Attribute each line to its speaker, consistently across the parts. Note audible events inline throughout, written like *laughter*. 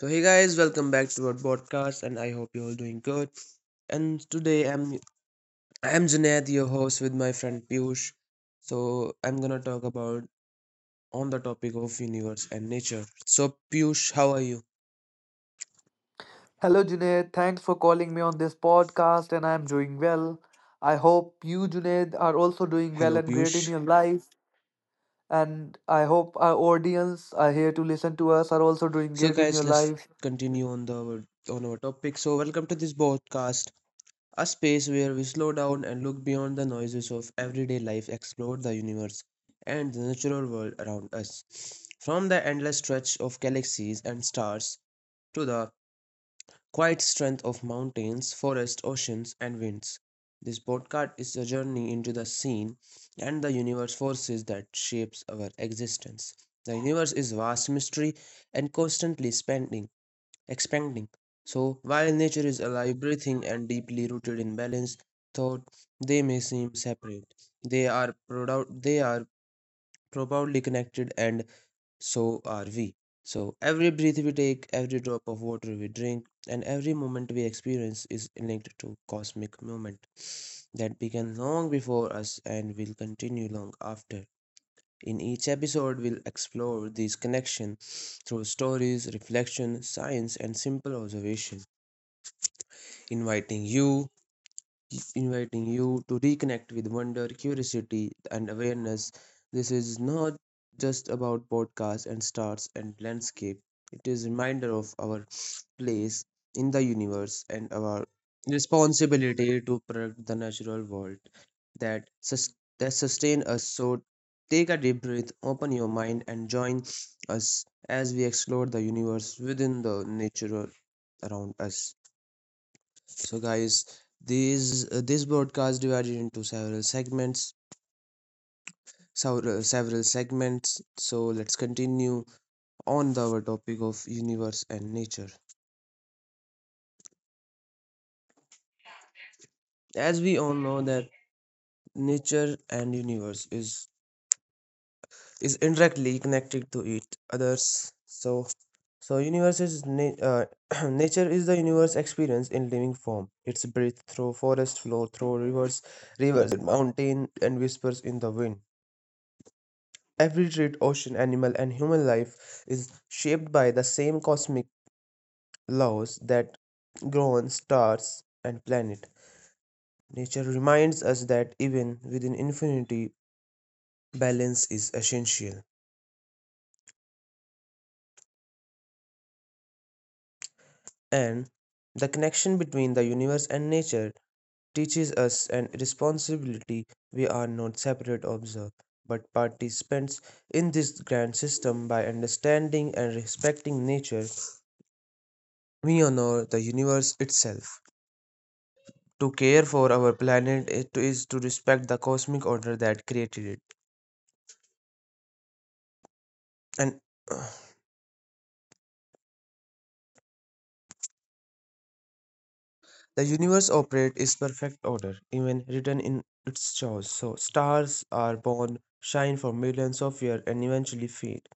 Speaker 1: So hey guys, welcome back to our podcast, and I hope you're all doing good. And today I'm Junaid, your host, with my friend Piyush. So I'm gonna talk about on the topic of universe and nature. So Piyush, how are you?
Speaker 2: Hello, Junaid. Thanks for calling me on this podcast, and I'm doing well. I hope you, Junaid, are also doing well
Speaker 1: Hello
Speaker 2: and great in
Speaker 1: Piyush.
Speaker 2: your life. And I hope our audience are here to listen to us are also doing
Speaker 1: So
Speaker 2: great in
Speaker 1: guys,
Speaker 2: your
Speaker 1: let's
Speaker 2: life.
Speaker 1: continue on the on our topic. So welcome to this podcast. A space where we slow down and look beyond the noises of everyday life, explore the universe and the natural world around us. From the endless stretch of galaxies and stars to the quiet strength of mountains, forests, oceans, and winds. This podcast is a journey into the scene and the universe forces that shapes our existence. The universe is vast mystery and constantly expanding. So, while nature is alive, breathing, and deeply rooted in balance, thought they may seem separate. They are profoundly connected, and so are we. So, every breath we take, every drop of water we drink, and every moment we experience is linked to cosmic movement that began long before us and will continue long after. In each episode, we'll explore these connections through stories, reflection, science, and simple observation, inviting you inviting you to reconnect with wonder, curiosity, and awareness. This is not just about podcasts and stars and landscape. It is a reminder of our place in the universe and our responsibility to protect the natural world that sustain us. So take a deep breath, open your mind, and join us as we explore the universe within the nature around us. So, guys, these this broadcast divided into several segments. Several segments. So let's continue on our topic of universe and nature. As we all know that nature and universe is indirectly connected to each others. So universe is na- uh, *clears throat* nature is the universe experience in living form. It's breathe through forest, flow through rivers, rivers in mountain, and whispers in the wind. Every tree, ocean, animal, and human life is shaped by the same cosmic laws that govern stars and planet. Nature reminds us that even within infinity, balance is essential. And the connection between the universe and nature teaches us an responsibility we are not separate observers, but participants in this grand system by understanding and respecting nature. We honor the universe itself. To care for our planet it is to, respect the cosmic order that created it. And uh, the universe operates is perfect order, even written in its chaos. So stars are born, shine for millions of years, and eventually fade.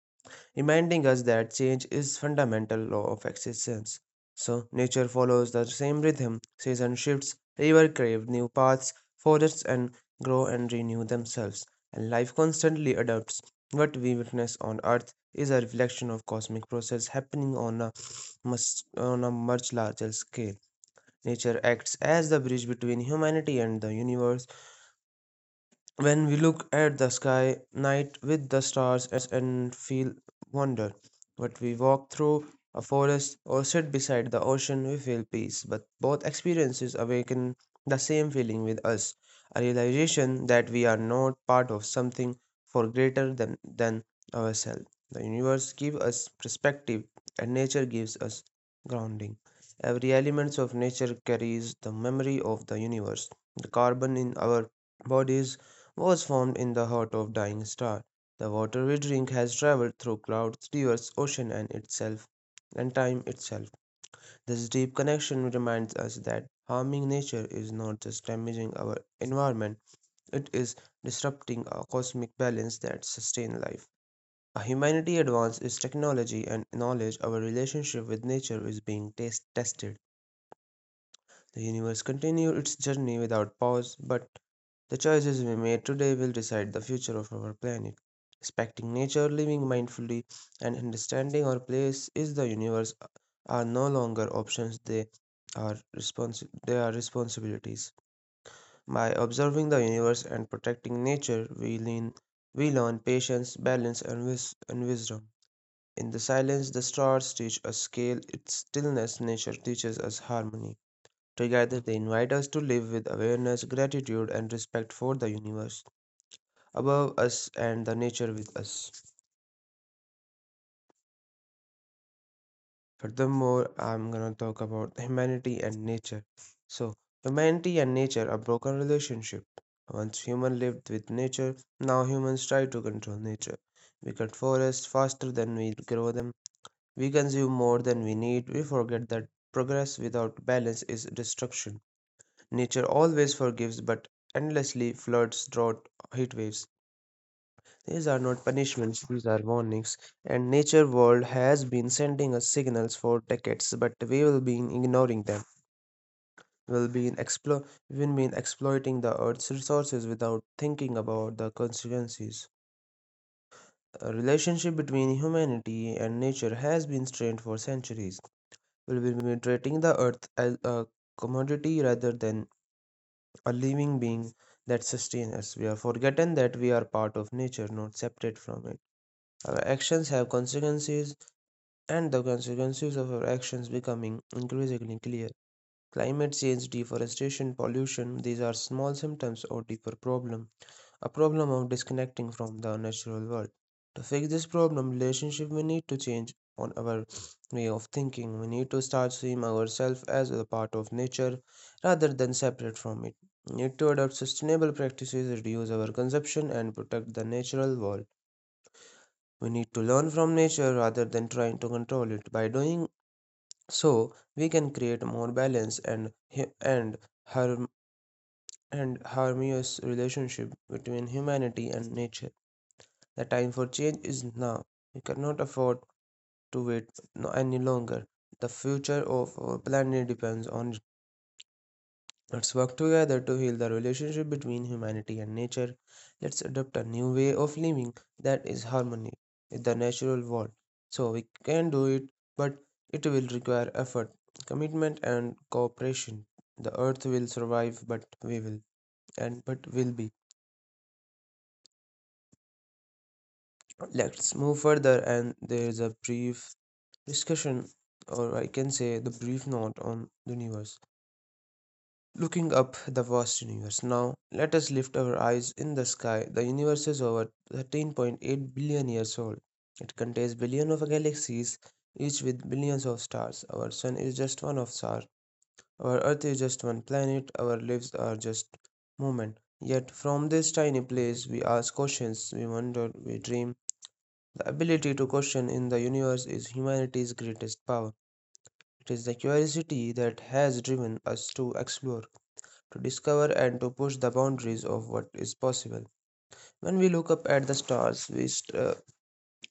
Speaker 1: Reminding us that change is fundamental law of existence. So nature follows the same rhythm, season shifts, river crave new paths, forests and grow and renew themselves, and life constantly adapts. What we witness on earth is a reflection of cosmic process happening on a much larger scale. Nature acts as the bridge between humanity and the universe when we look at the sky night with the stars and feel wonder but we walk through a forest or sit beside the ocean we feel peace but both experiences awaken the same feeling with us a realization that we are not part of something for greater than ourselves the universe gives us perspective and nature gives us grounding every element of nature carries the memory of the universe the carbon in our bodies was formed in the heart of dying star. The water we drink has traveled through clouds, rivers, ocean and itself and time itself. This deep connection reminds us that harming nature is not just damaging our environment, it is disrupting a cosmic balance that sustains life. A humanity advances technology and knowledge, our relationship with nature is being tested. The universe continues its journey without pause, but the choices we made today will decide the future of our planet. Respecting nature, living mindfully, and understanding our place in the universe are no longer options, they are, they are responsibilities. By observing the universe and protecting nature, we, lean, we learn patience, balance, and, and wisdom. In the silence, the stars teach us scale, its stillness, nature teaches us harmony. Together, they invite us to live with awareness, gratitude, and respect for the universe above us and the nature with us. Furthermore, I'm gonna talk about humanity and nature. So, humanity and nature are broken relationship. Once human lived with nature, now humans try to control nature. We cut forests faster than we grow them. We consume more than we need. We forget that progress without balance is destruction. Nature always forgives but endlessly floods, drought, heat waves. These are not punishments, these are warnings. And nature world has been sending us signals for decades, but we will be ignoring them. We'll be explo- we've been exploiting the earth's resources without thinking about the consequences. A relationship between humanity and nature has been strained for centuries. We've been treating the earth as a commodity rather than a living being that sustains us. We have forgotten that we are part of nature, not separate from it. Our actions have consequences and the consequences of our actions becoming increasingly clear. Climate change, deforestation, pollution, these are small symptoms of deeper problem, a problem of disconnecting from the natural world. To fix this problem, relationship we need to change on our way of thinking. We need to start seeing ourselves as a part of nature rather than separate from it. We need to adopt sustainable practices, reduce our consumption and protect the natural world. We need to learn from nature rather than trying to control it. By doing so we can create more balance and hu- and harm and harmonious relationship between humanity and nature the time for change is now we cannot afford to wait any longer the future of our planet depends on Let's work together to heal the relationship between humanity and nature. Let's adopt a new way of living that is harmony with the natural world. So we can do it, but it will require effort, commitment, and cooperation. The earth will survive, but we will, and but will be. Let's move further, and there is a brief discussion, or I can say the brief note on the universe. Looking up the vast universe. Now, let us lift our eyes in the sky. The universe is over 13.8 billion years old. It contains billions of galaxies, each with billions of stars. Our sun is just one of stars. Our earth is just one planet. Our lives are just movement. Yet, from this tiny place, we ask questions, we wonder, we dream. The ability to question in the universe is humanity's greatest power. It is the curiosity that has driven us to explore to discover and to push the boundaries of what is possible. When we look up at the stars, we,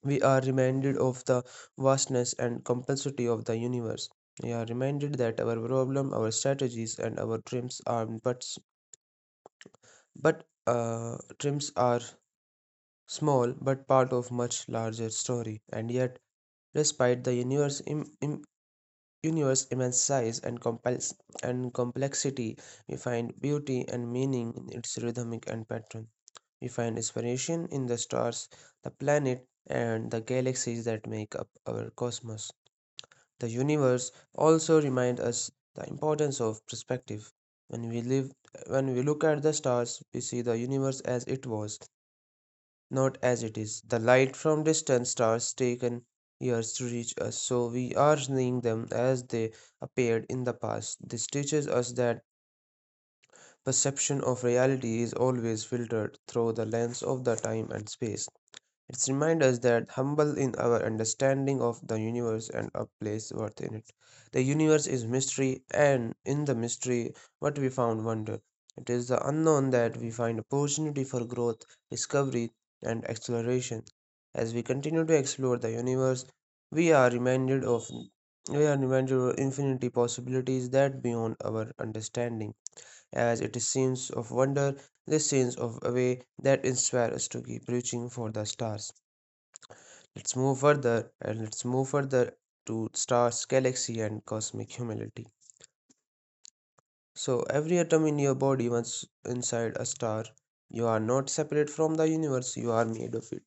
Speaker 1: we are reminded of the vastness and complexity of the universe. We are reminded that our problem, our strategies, and our dreams are but dreams are small but part of much larger story. And yet, despite the universe universe immense size and complexity, we find beauty and meaning in its rhythmic and patterns. We find inspiration in the stars, the planet, and the galaxies that make up our cosmos. The universe also reminds us the importance of perspective. When we live when we look at the stars, we see the universe as it was, not as it is. The light from distant stars taken years to reach us, so we are seeing them as they appeared in the past. This teaches us that perception of reality is always filtered through the lens of the time and space. It reminds us that humble in our understanding of the universe and a place worth in it. The universe is mystery, and in the mystery, what we found wonder. It is the unknown that we find opportunity for growth, discovery, and exploration. As we continue to explore the universe, we are reminded of we are reminded of infinity possibilities that beyond our understanding. As it is scenes of wonder, this scenes of a way that inspire us to keep reaching for the stars. Let's move further to stars, galaxy, and cosmic humility. So, every atom in your body, once inside a star, you are not separate from the universe, you are made of it.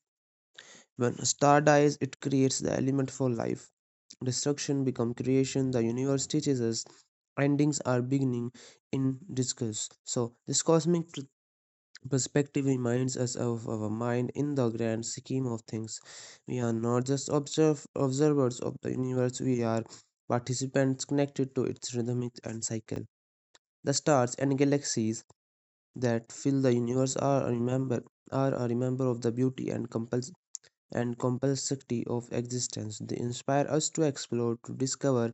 Speaker 1: When a star dies, it creates the element for life. Destruction becomes creation, the universe teaches us. Endings are beginning in discourse. So, this cosmic Perspective reminds us of our mind in the grand scheme of things. We are not just observe, observers of the universe, we are participants connected to its rhythm and cycle. The stars and galaxies that fill the universe are a remember of the beauty and compuls and complexity of existence. They inspire us to explore, to discover,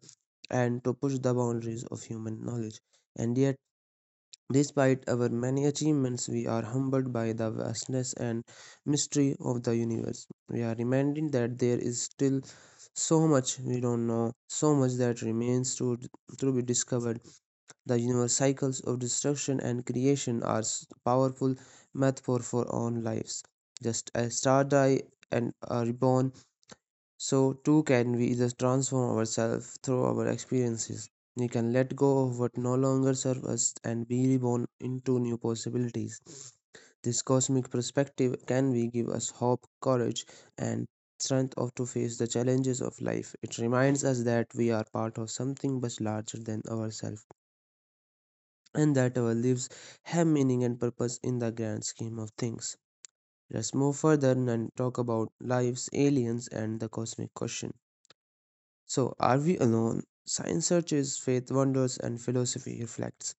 Speaker 1: and to push the boundaries of human knowledge. And yet despite our many achievements, we are humbled by the vastness and mystery of the universe. We are reminded that there is still so much we don't know, so much that remains to be discovered. The universe cycles of destruction and creation are powerful metaphor for our own lives. Just as stars die and are reborn, so too can we either transform ourselves through our experiences. We can let go of what no longer serves us and be reborn into new possibilities. This cosmic perspective can we give us hope, courage, and strength of to face the challenges of life. It reminds us that we are part of something much larger than ourselves and that our lives have meaning and purpose in the grand scheme of things. Let's move further and talk about lives, aliens, and the cosmic question. So, are we alone? Science searches, faith wonders, and philosophy reflects.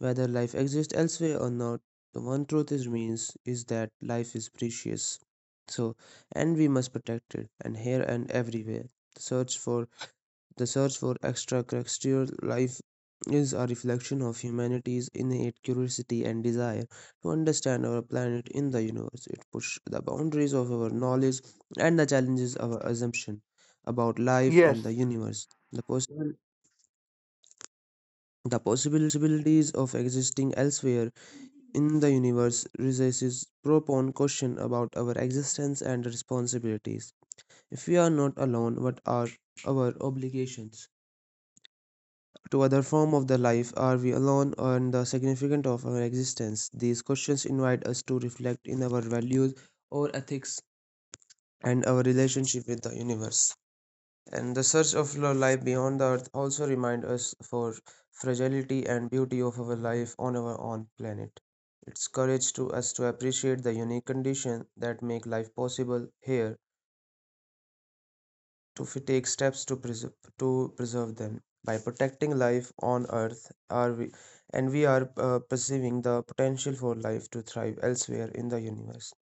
Speaker 1: Whether life exists elsewhere or not, the one truth is remains is that life is precious. So, and we must protect it, and here and everywhere. The search for the search for extraterrestrial life is a reflection of humanity's innate curiosity and desire to understand our planet in the universe. It pushes the boundaries of our knowledge and the challenges our assumption about life
Speaker 2: Yes.
Speaker 1: and the universe. The possibilities of existing elsewhere in the universe raises profound question about our existence and responsibilities. If we are not alone, what are our obligations to other form of the life? Are we alone on the significance of our existence? These questions invite us to reflect in our values, our ethics, and our relationship with the universe, and the search of life beyond the earth also remind us for fragility and beauty of our life on our own planet. Its courage to us to appreciate the unique condition that make life possible here to take steps to preserve them by protecting life on earth. Are we and we are perceiving the potential for life to thrive elsewhere in the universe.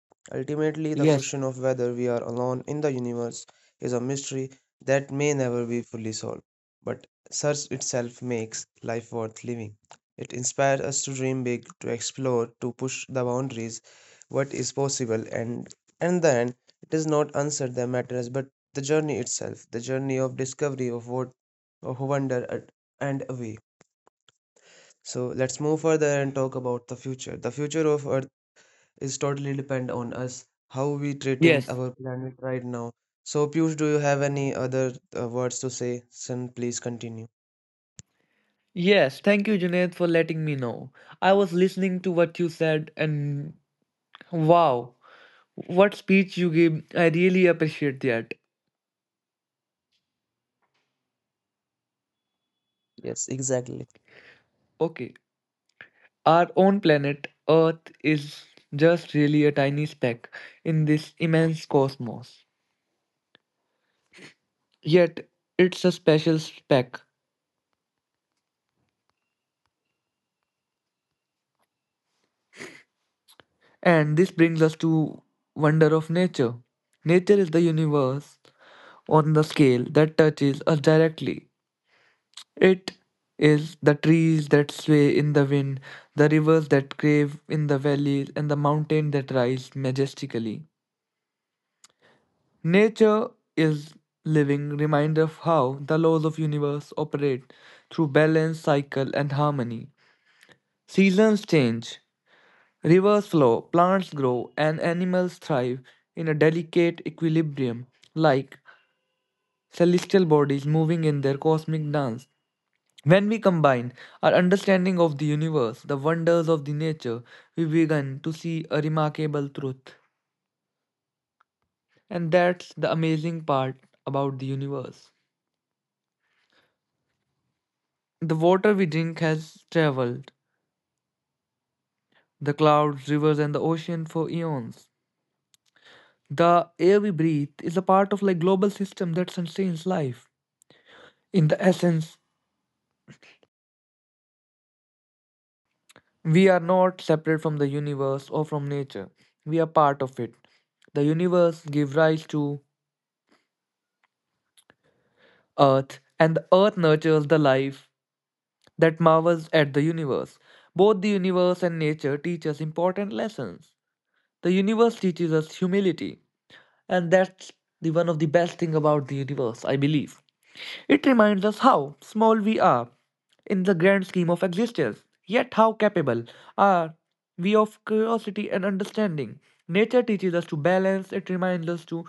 Speaker 1: Ultimately, the
Speaker 2: Yes,
Speaker 1: question of whether we are alone in the universe is a mystery that may never be fully solved, but search itself makes life worth living. It inspires us to dream big, to explore, to push the boundaries what is possible, and then it is not answer that matters but the journey itself, the journey of discovery of what of wonder and away. So let's move further and talk about the future. The future of Earth is totally depend on us, how we treating
Speaker 2: yes,
Speaker 1: our planet right now. So Piyush, do you have any other words to say? Son, please continue.
Speaker 2: yes. Thank you, Junaid, for letting me know. I was listening to what you said, and wow, what speech you gave. I really appreciate that.
Speaker 1: Yes, exactly.
Speaker 2: Okay. Our own planet, Earth, is just really a tiny speck in this immense cosmos. Yet, it's a special speck. And this brings us to wonder of nature. Nature is the universe on the scale that touches us directly. It is the trees that sway in the wind, the rivers that crave in the valleys, and the mountains that rise majestically. Nature is living reminder of how the laws of universe operate through balance, cycle and harmony. Seasons change, rivers flow, plants grow and animals thrive in a delicate equilibrium like celestial bodies moving in their cosmic dance. When we combine our understanding of the universe, the wonders of the nature, we begin to see a remarkable truth. And that's the amazing part about the universe. The water we drink has traveled the clouds, rivers, and the ocean for eons. The air we breathe is a part of like global system that sustains life. In the essence, we are not separate from the universe or from nature. We are part of it. The universe gives rise to earth, and the earth nurtures the life that marvels at the universe. Both the universe and nature teach us important lessons. The universe teaches us humility, and that's the one of the best thing about the universe, I believe. It reminds us how small we are in the grand scheme of existence, yet how capable are we of curiosity and understanding. Nature teaches us to balance, it reminds us to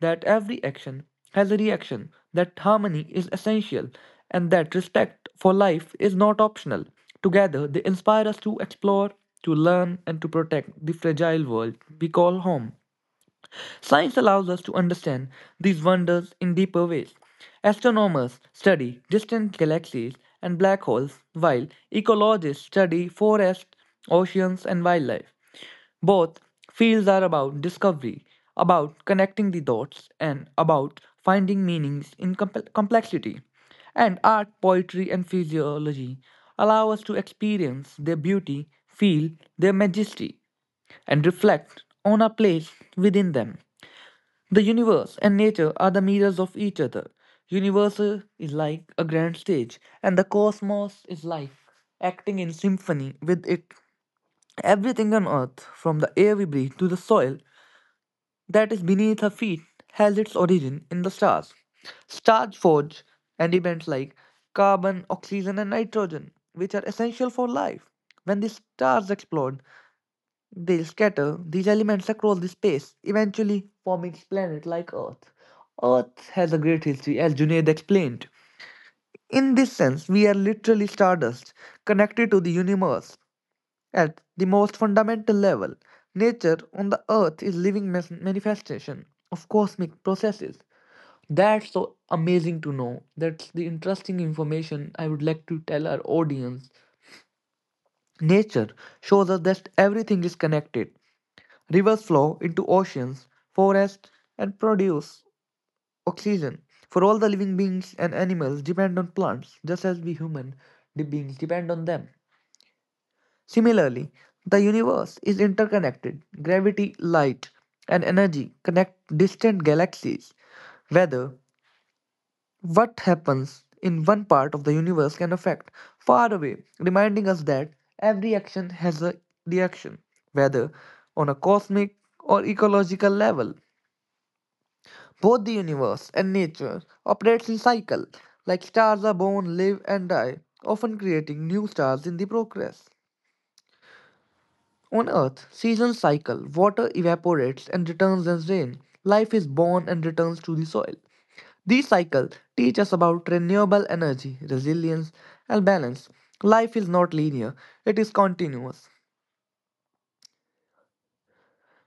Speaker 2: that every action has a reaction, that harmony is essential, and that respect for life is not optional. Together, they inspire us to explore, to learn, and to protect the fragile world we call home. Science allows us to understand these wonders in deeper ways. Astronomers study distant galaxies and black holes, while ecologists study forests, oceans, and wildlife. Both fields are about discovery, about connecting the dots, and about finding meanings in complexity. And art, poetry, and physiology allow us to experience their beauty, feel their majesty, and reflect on our place within them. The universe and nature are the mirrors of each other. Universe is like a grand stage, and the cosmos is life, acting in symphony with it. Everything on earth, from the air we breathe to the soil that is beneath our feet, has its origin in the stars. Stars forge and events like carbon, oxygen, and nitrogen, which are essential for life. When the stars explode, they scatter these elements across the space, eventually forming planets like Earth. Earth has a great history, as Junaid explained. In this sense, we are literally stardust, connected to the universe. At the most fundamental level, nature on the Earth is living manifestation of cosmic processes. That's so amazing to know. That's the interesting information I would like to tell our audience. Nature shows us that everything is connected. Rivers flow into oceans, forests, and produce oxygen. For all the living beings and animals depend on plants, just as we human beings depend on them. Similarly, the universe is interconnected. Gravity, light, and energy connect distant galaxies. Whether what happens in one part of the universe can affect far away, reminding us that every action has a reaction, whether on a cosmic or ecological level. Both the universe and nature operates in cycle, like stars are born, live, and die, often creating new stars in the progress. On Earth, seasons cycle, water evaporates and returns as rain, life is born and returns to the soil. These cycles teach us about renewable energy, resilience, and balance. Life is not linear, it is continuous.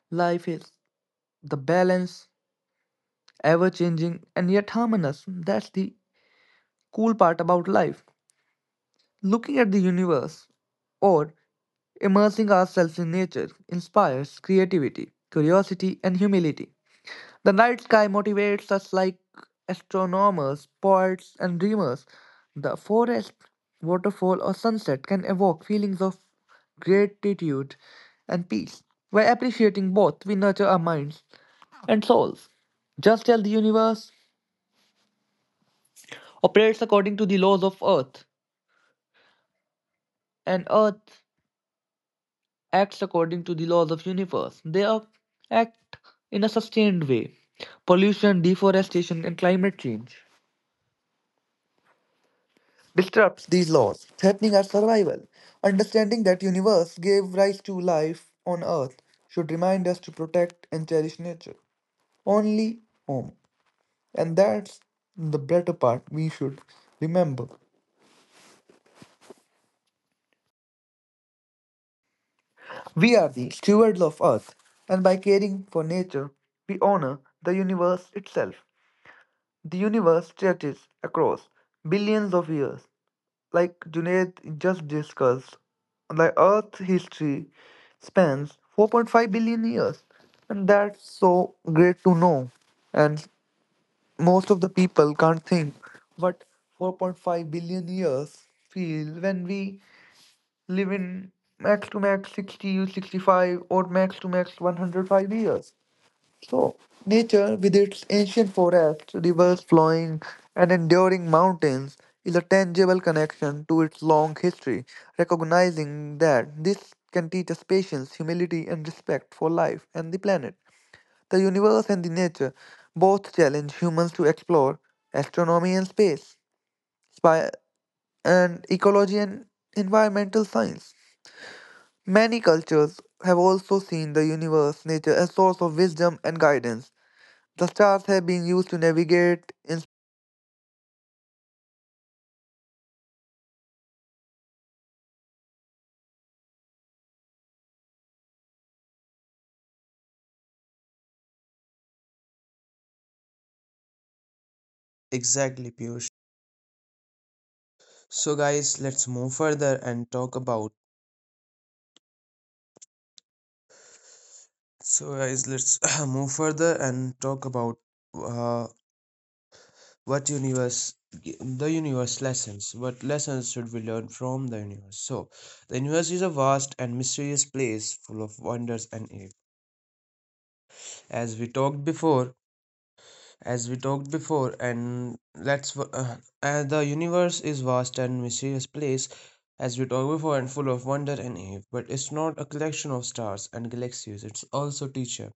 Speaker 2: Life is the balance, ever changing, and yet harmonious. That's the cool part about life. Looking at the universe or immersing ourselves in nature inspires creativity, curiosity, and humility. The night sky motivates us like astronomers, poets, and dreamers. The forest, waterfall, or sunset can evoke feelings of gratitude and peace. By appreciating both, we nurture our minds and souls. Just as the universe operates according to the laws of Earth, and Earth acts according to the laws of universe. They act in a sustained way. Pollution, deforestation, and climate change disrupts these laws, threatening our survival. Understanding that universe gave rise to life on Earth should remind us to protect and cherish nature. Only home. And that's the better part we should remember. We are the stewards of Earth, and by caring for nature, we honor the universe itself. The universe stretches across billions of years, like Junaid just discussed. The Earth's history spans 4.5 billion years, and that's so great to know. And most of the people can't think what 4.5 billion years feel when we live in max to max 60, 65, or max to max 105 years. So, nature, with its ancient forests, rivers flowing, and enduring mountains, is a tangible connection to its long history, recognizing that this can teach us patience, humility, and respect for life and the planet. The universe and the nature both challenge humans to explore astronomy and space, spy- and ecology and environmental science. Many cultures have also seen the universe, nature as source of wisdom and guidance the stars have been used to navigate,
Speaker 1: Exactly, Piyush. So, guys, let's move further and talk about. So, guys, let's *clears throat* move further and talk about. Uh, what universe the universe lessons, what lessons should we learn from the universe? So the universe is a vast and mysterious place, full of wonders and awe, as we talked before and let's the universe is vast and mysterious place as we talked before and full of wonder and awe, but it's not a collection of stars and galaxies, it's also teacher.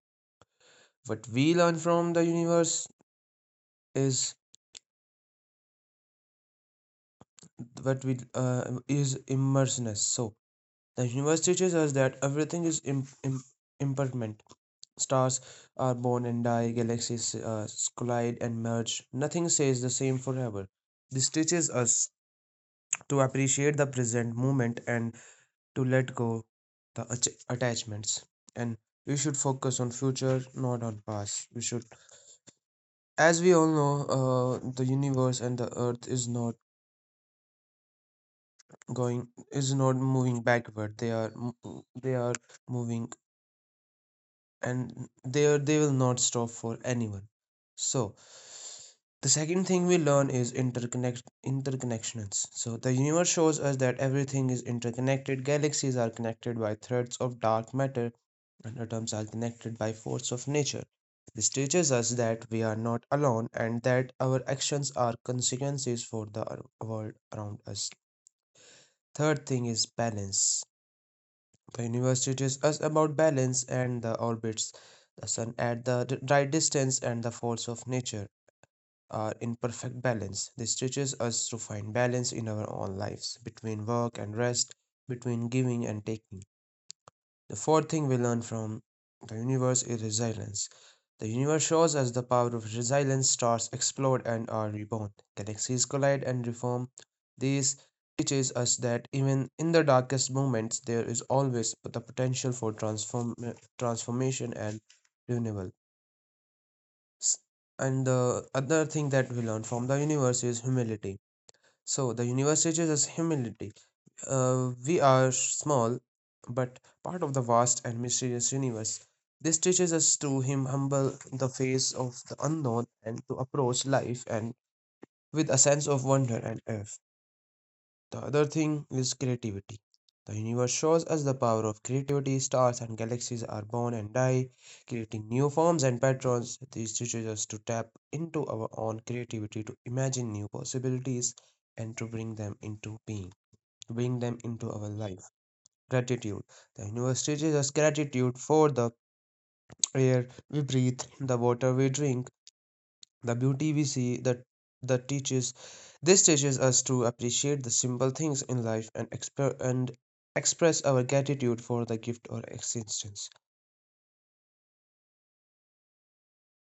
Speaker 1: What we learn from the universe is what we is immersiveness. So the universe teaches us that everything is impermanent. Stars are born and die, galaxies collide and merge. Nothing stays the same forever. This teaches us to appreciate the present moment and to let go the attachments. And we should focus on future, not on past. We should, as we all know, the universe and the earth is not going is not moving backward. They are they are moving and they will not stop for anyone. So the second thing we learn is interconnections. So the universe shows us that everything is interconnected. Galaxies are connected by threads of dark matter, and atoms are connected by force of nature. This teaches us that we are not alone and that our actions are consequences for the world around us. Third thing is balance. The universe teaches us about balance and the orbits, the sun at the right distance, and the force of nature are in perfect balance. This teaches us to find balance in our own lives between work and rest, between giving and taking. The fourth thing we learn from the universe is resilience. The universe shows us the power of resilience. Stars explode and are reborn. Galaxies collide and reform. This teaches us that even in the darkest moments, there is always the potential for transformation and renewal. S- And the other thing that we learn from the universe is humility. So the universe teaches us humility. We are small, but part of the vast and mysterious universe. This teaches us to him humble the face of the unknown and to approach life and with a sense of wonder and awe. The other thing is creativity. The universe shows us the power of creativity. Stars and galaxies are born and die, creating new forms and patterns. This teaches us to tap into our own creativity, to imagine new possibilities, and to bring them into being, to bring them into our life. Gratitude. The universe teaches us gratitude for the air we breathe, the water we drink, the beauty we see. That that teaches This teaches us to appreciate the simple things in life and and express our gratitude for the gift or existence.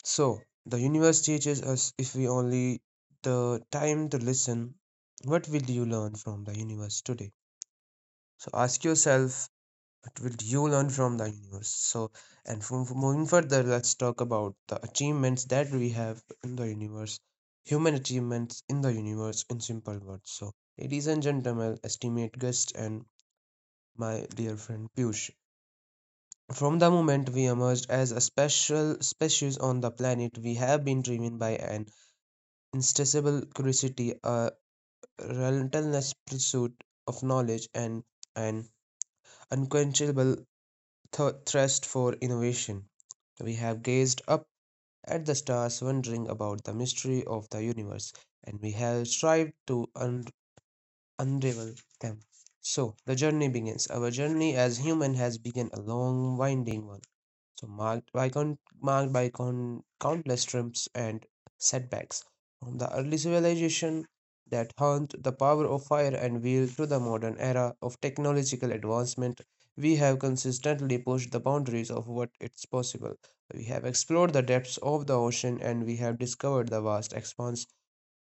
Speaker 1: So the universe teaches us if we only the time to listen. What will you learn from the universe today? So ask yourself, what will you learn from the universe? So and from moving further, let's talk about the achievements that we have in the universe. Human achievements in the universe in simple words. So, ladies and gentlemen, estimate guests, and my dear friend Piyush, from the moment we emerged as a special species on the planet, we have been driven by an insatiable curiosity, a relentless pursuit of knowledge, and an unquenchable thirst for innovation. We have gazed up at the stars, wondering about the mystery of the universe, and we have strived to unravel them. So the journey begins. Our journey as human has begun a long, winding one. So marked by countless triumphs and setbacks. From the early civilization that honed the power of fire and wheel to the modern era of technological advancement, we have consistently pushed the boundaries of what is possible. We have explored the depths of the ocean and we have discovered the vast expanse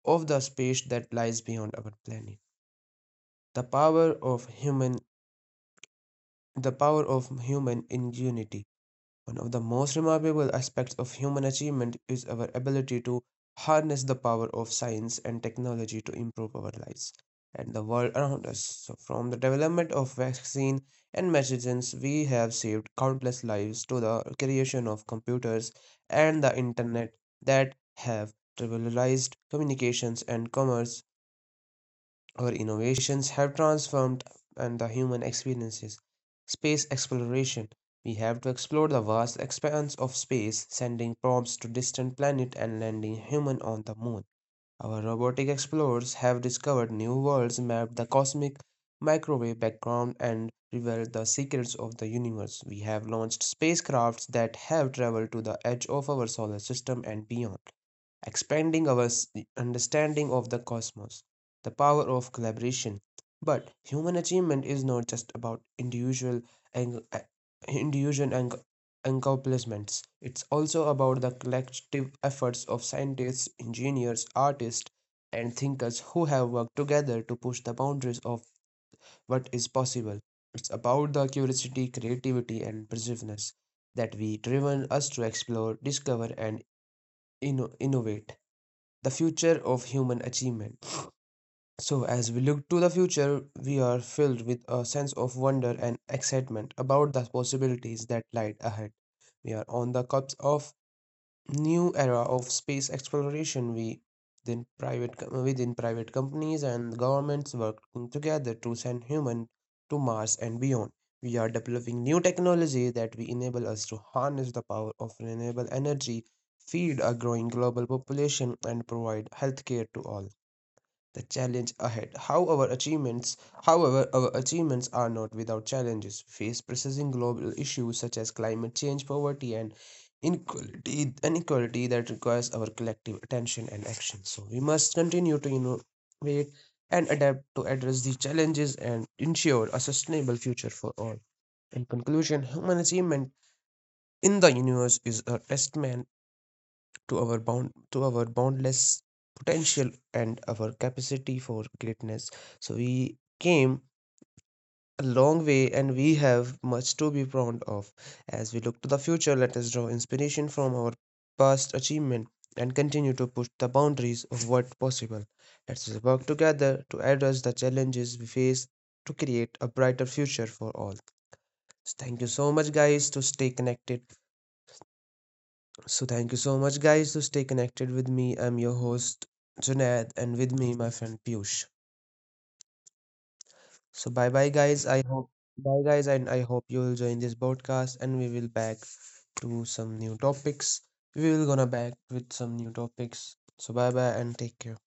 Speaker 1: of the space that lies beyond our planet. The power of human the power of human ingenuity. One of the most remarkable aspects of human achievement is our ability to harness the power of science and technology to improve our lives and the world around us. So from the development of vaccine and medicines we have saved countless lives, to the creation of computers and the internet that have revolutionized communications and commerce, our innovations have transformed and the human experiences. Space exploration. We have to explore the vast expanse of space, sending probes to distant planets and landing human on the moon. Our robotic explorers have discovered new worlds, mapped the cosmic microwave background, and revealed the secrets of the universe. We have launched spacecrafts that have traveled to the edge of our solar system and beyond, expanding our understanding of the cosmos. The power of collaboration. But human achievement is not just about individual ang- a- individual ang- accomplishments. It's also about the collective efforts of scientists, engineers, artists, and thinkers who have worked together to push the boundaries of what is possible. It's about the curiosity, creativity, and perseverance that we driven us to explore, discover, and innovate. The future of human achievement. So, as we look to the future, we are filled with a sense of wonder and excitement about the possibilities that lie ahead. We are on the cusp of new era of space exploration. We then private within private companies and governments working together to send human to Mars and beyond. We are developing new technology that will enable us to harness the power of renewable energy, feed a growing global population, and provide healthcare to all. The challenge ahead. However, our achievements are not without challenges. Face pressing global issues such as climate change, poverty, and inequality that requires our collective attention and action. So we must continue to innovate and adapt to address these challenges and ensure a sustainable future for all. In conclusion, human achievement in the universe is a testament to our boundless potential and our capacity for greatness. So we came a long way and we have much to be proud of. As we look to the future, let us draw inspiration from our past achievement and continue to push the boundaries of what's possible. Let's work together to address the challenges we face to create a brighter future for all. So thank you so much guys to stay connected So thank you so much, guys. So stay connected with me. I'm your host Junaid, and with me my friend Piyush. So bye bye, guys. I hope bye guys, and I hope you will join this broadcast, and we will back to some new topics. We will gonna back with some new topics. So bye bye, and take care.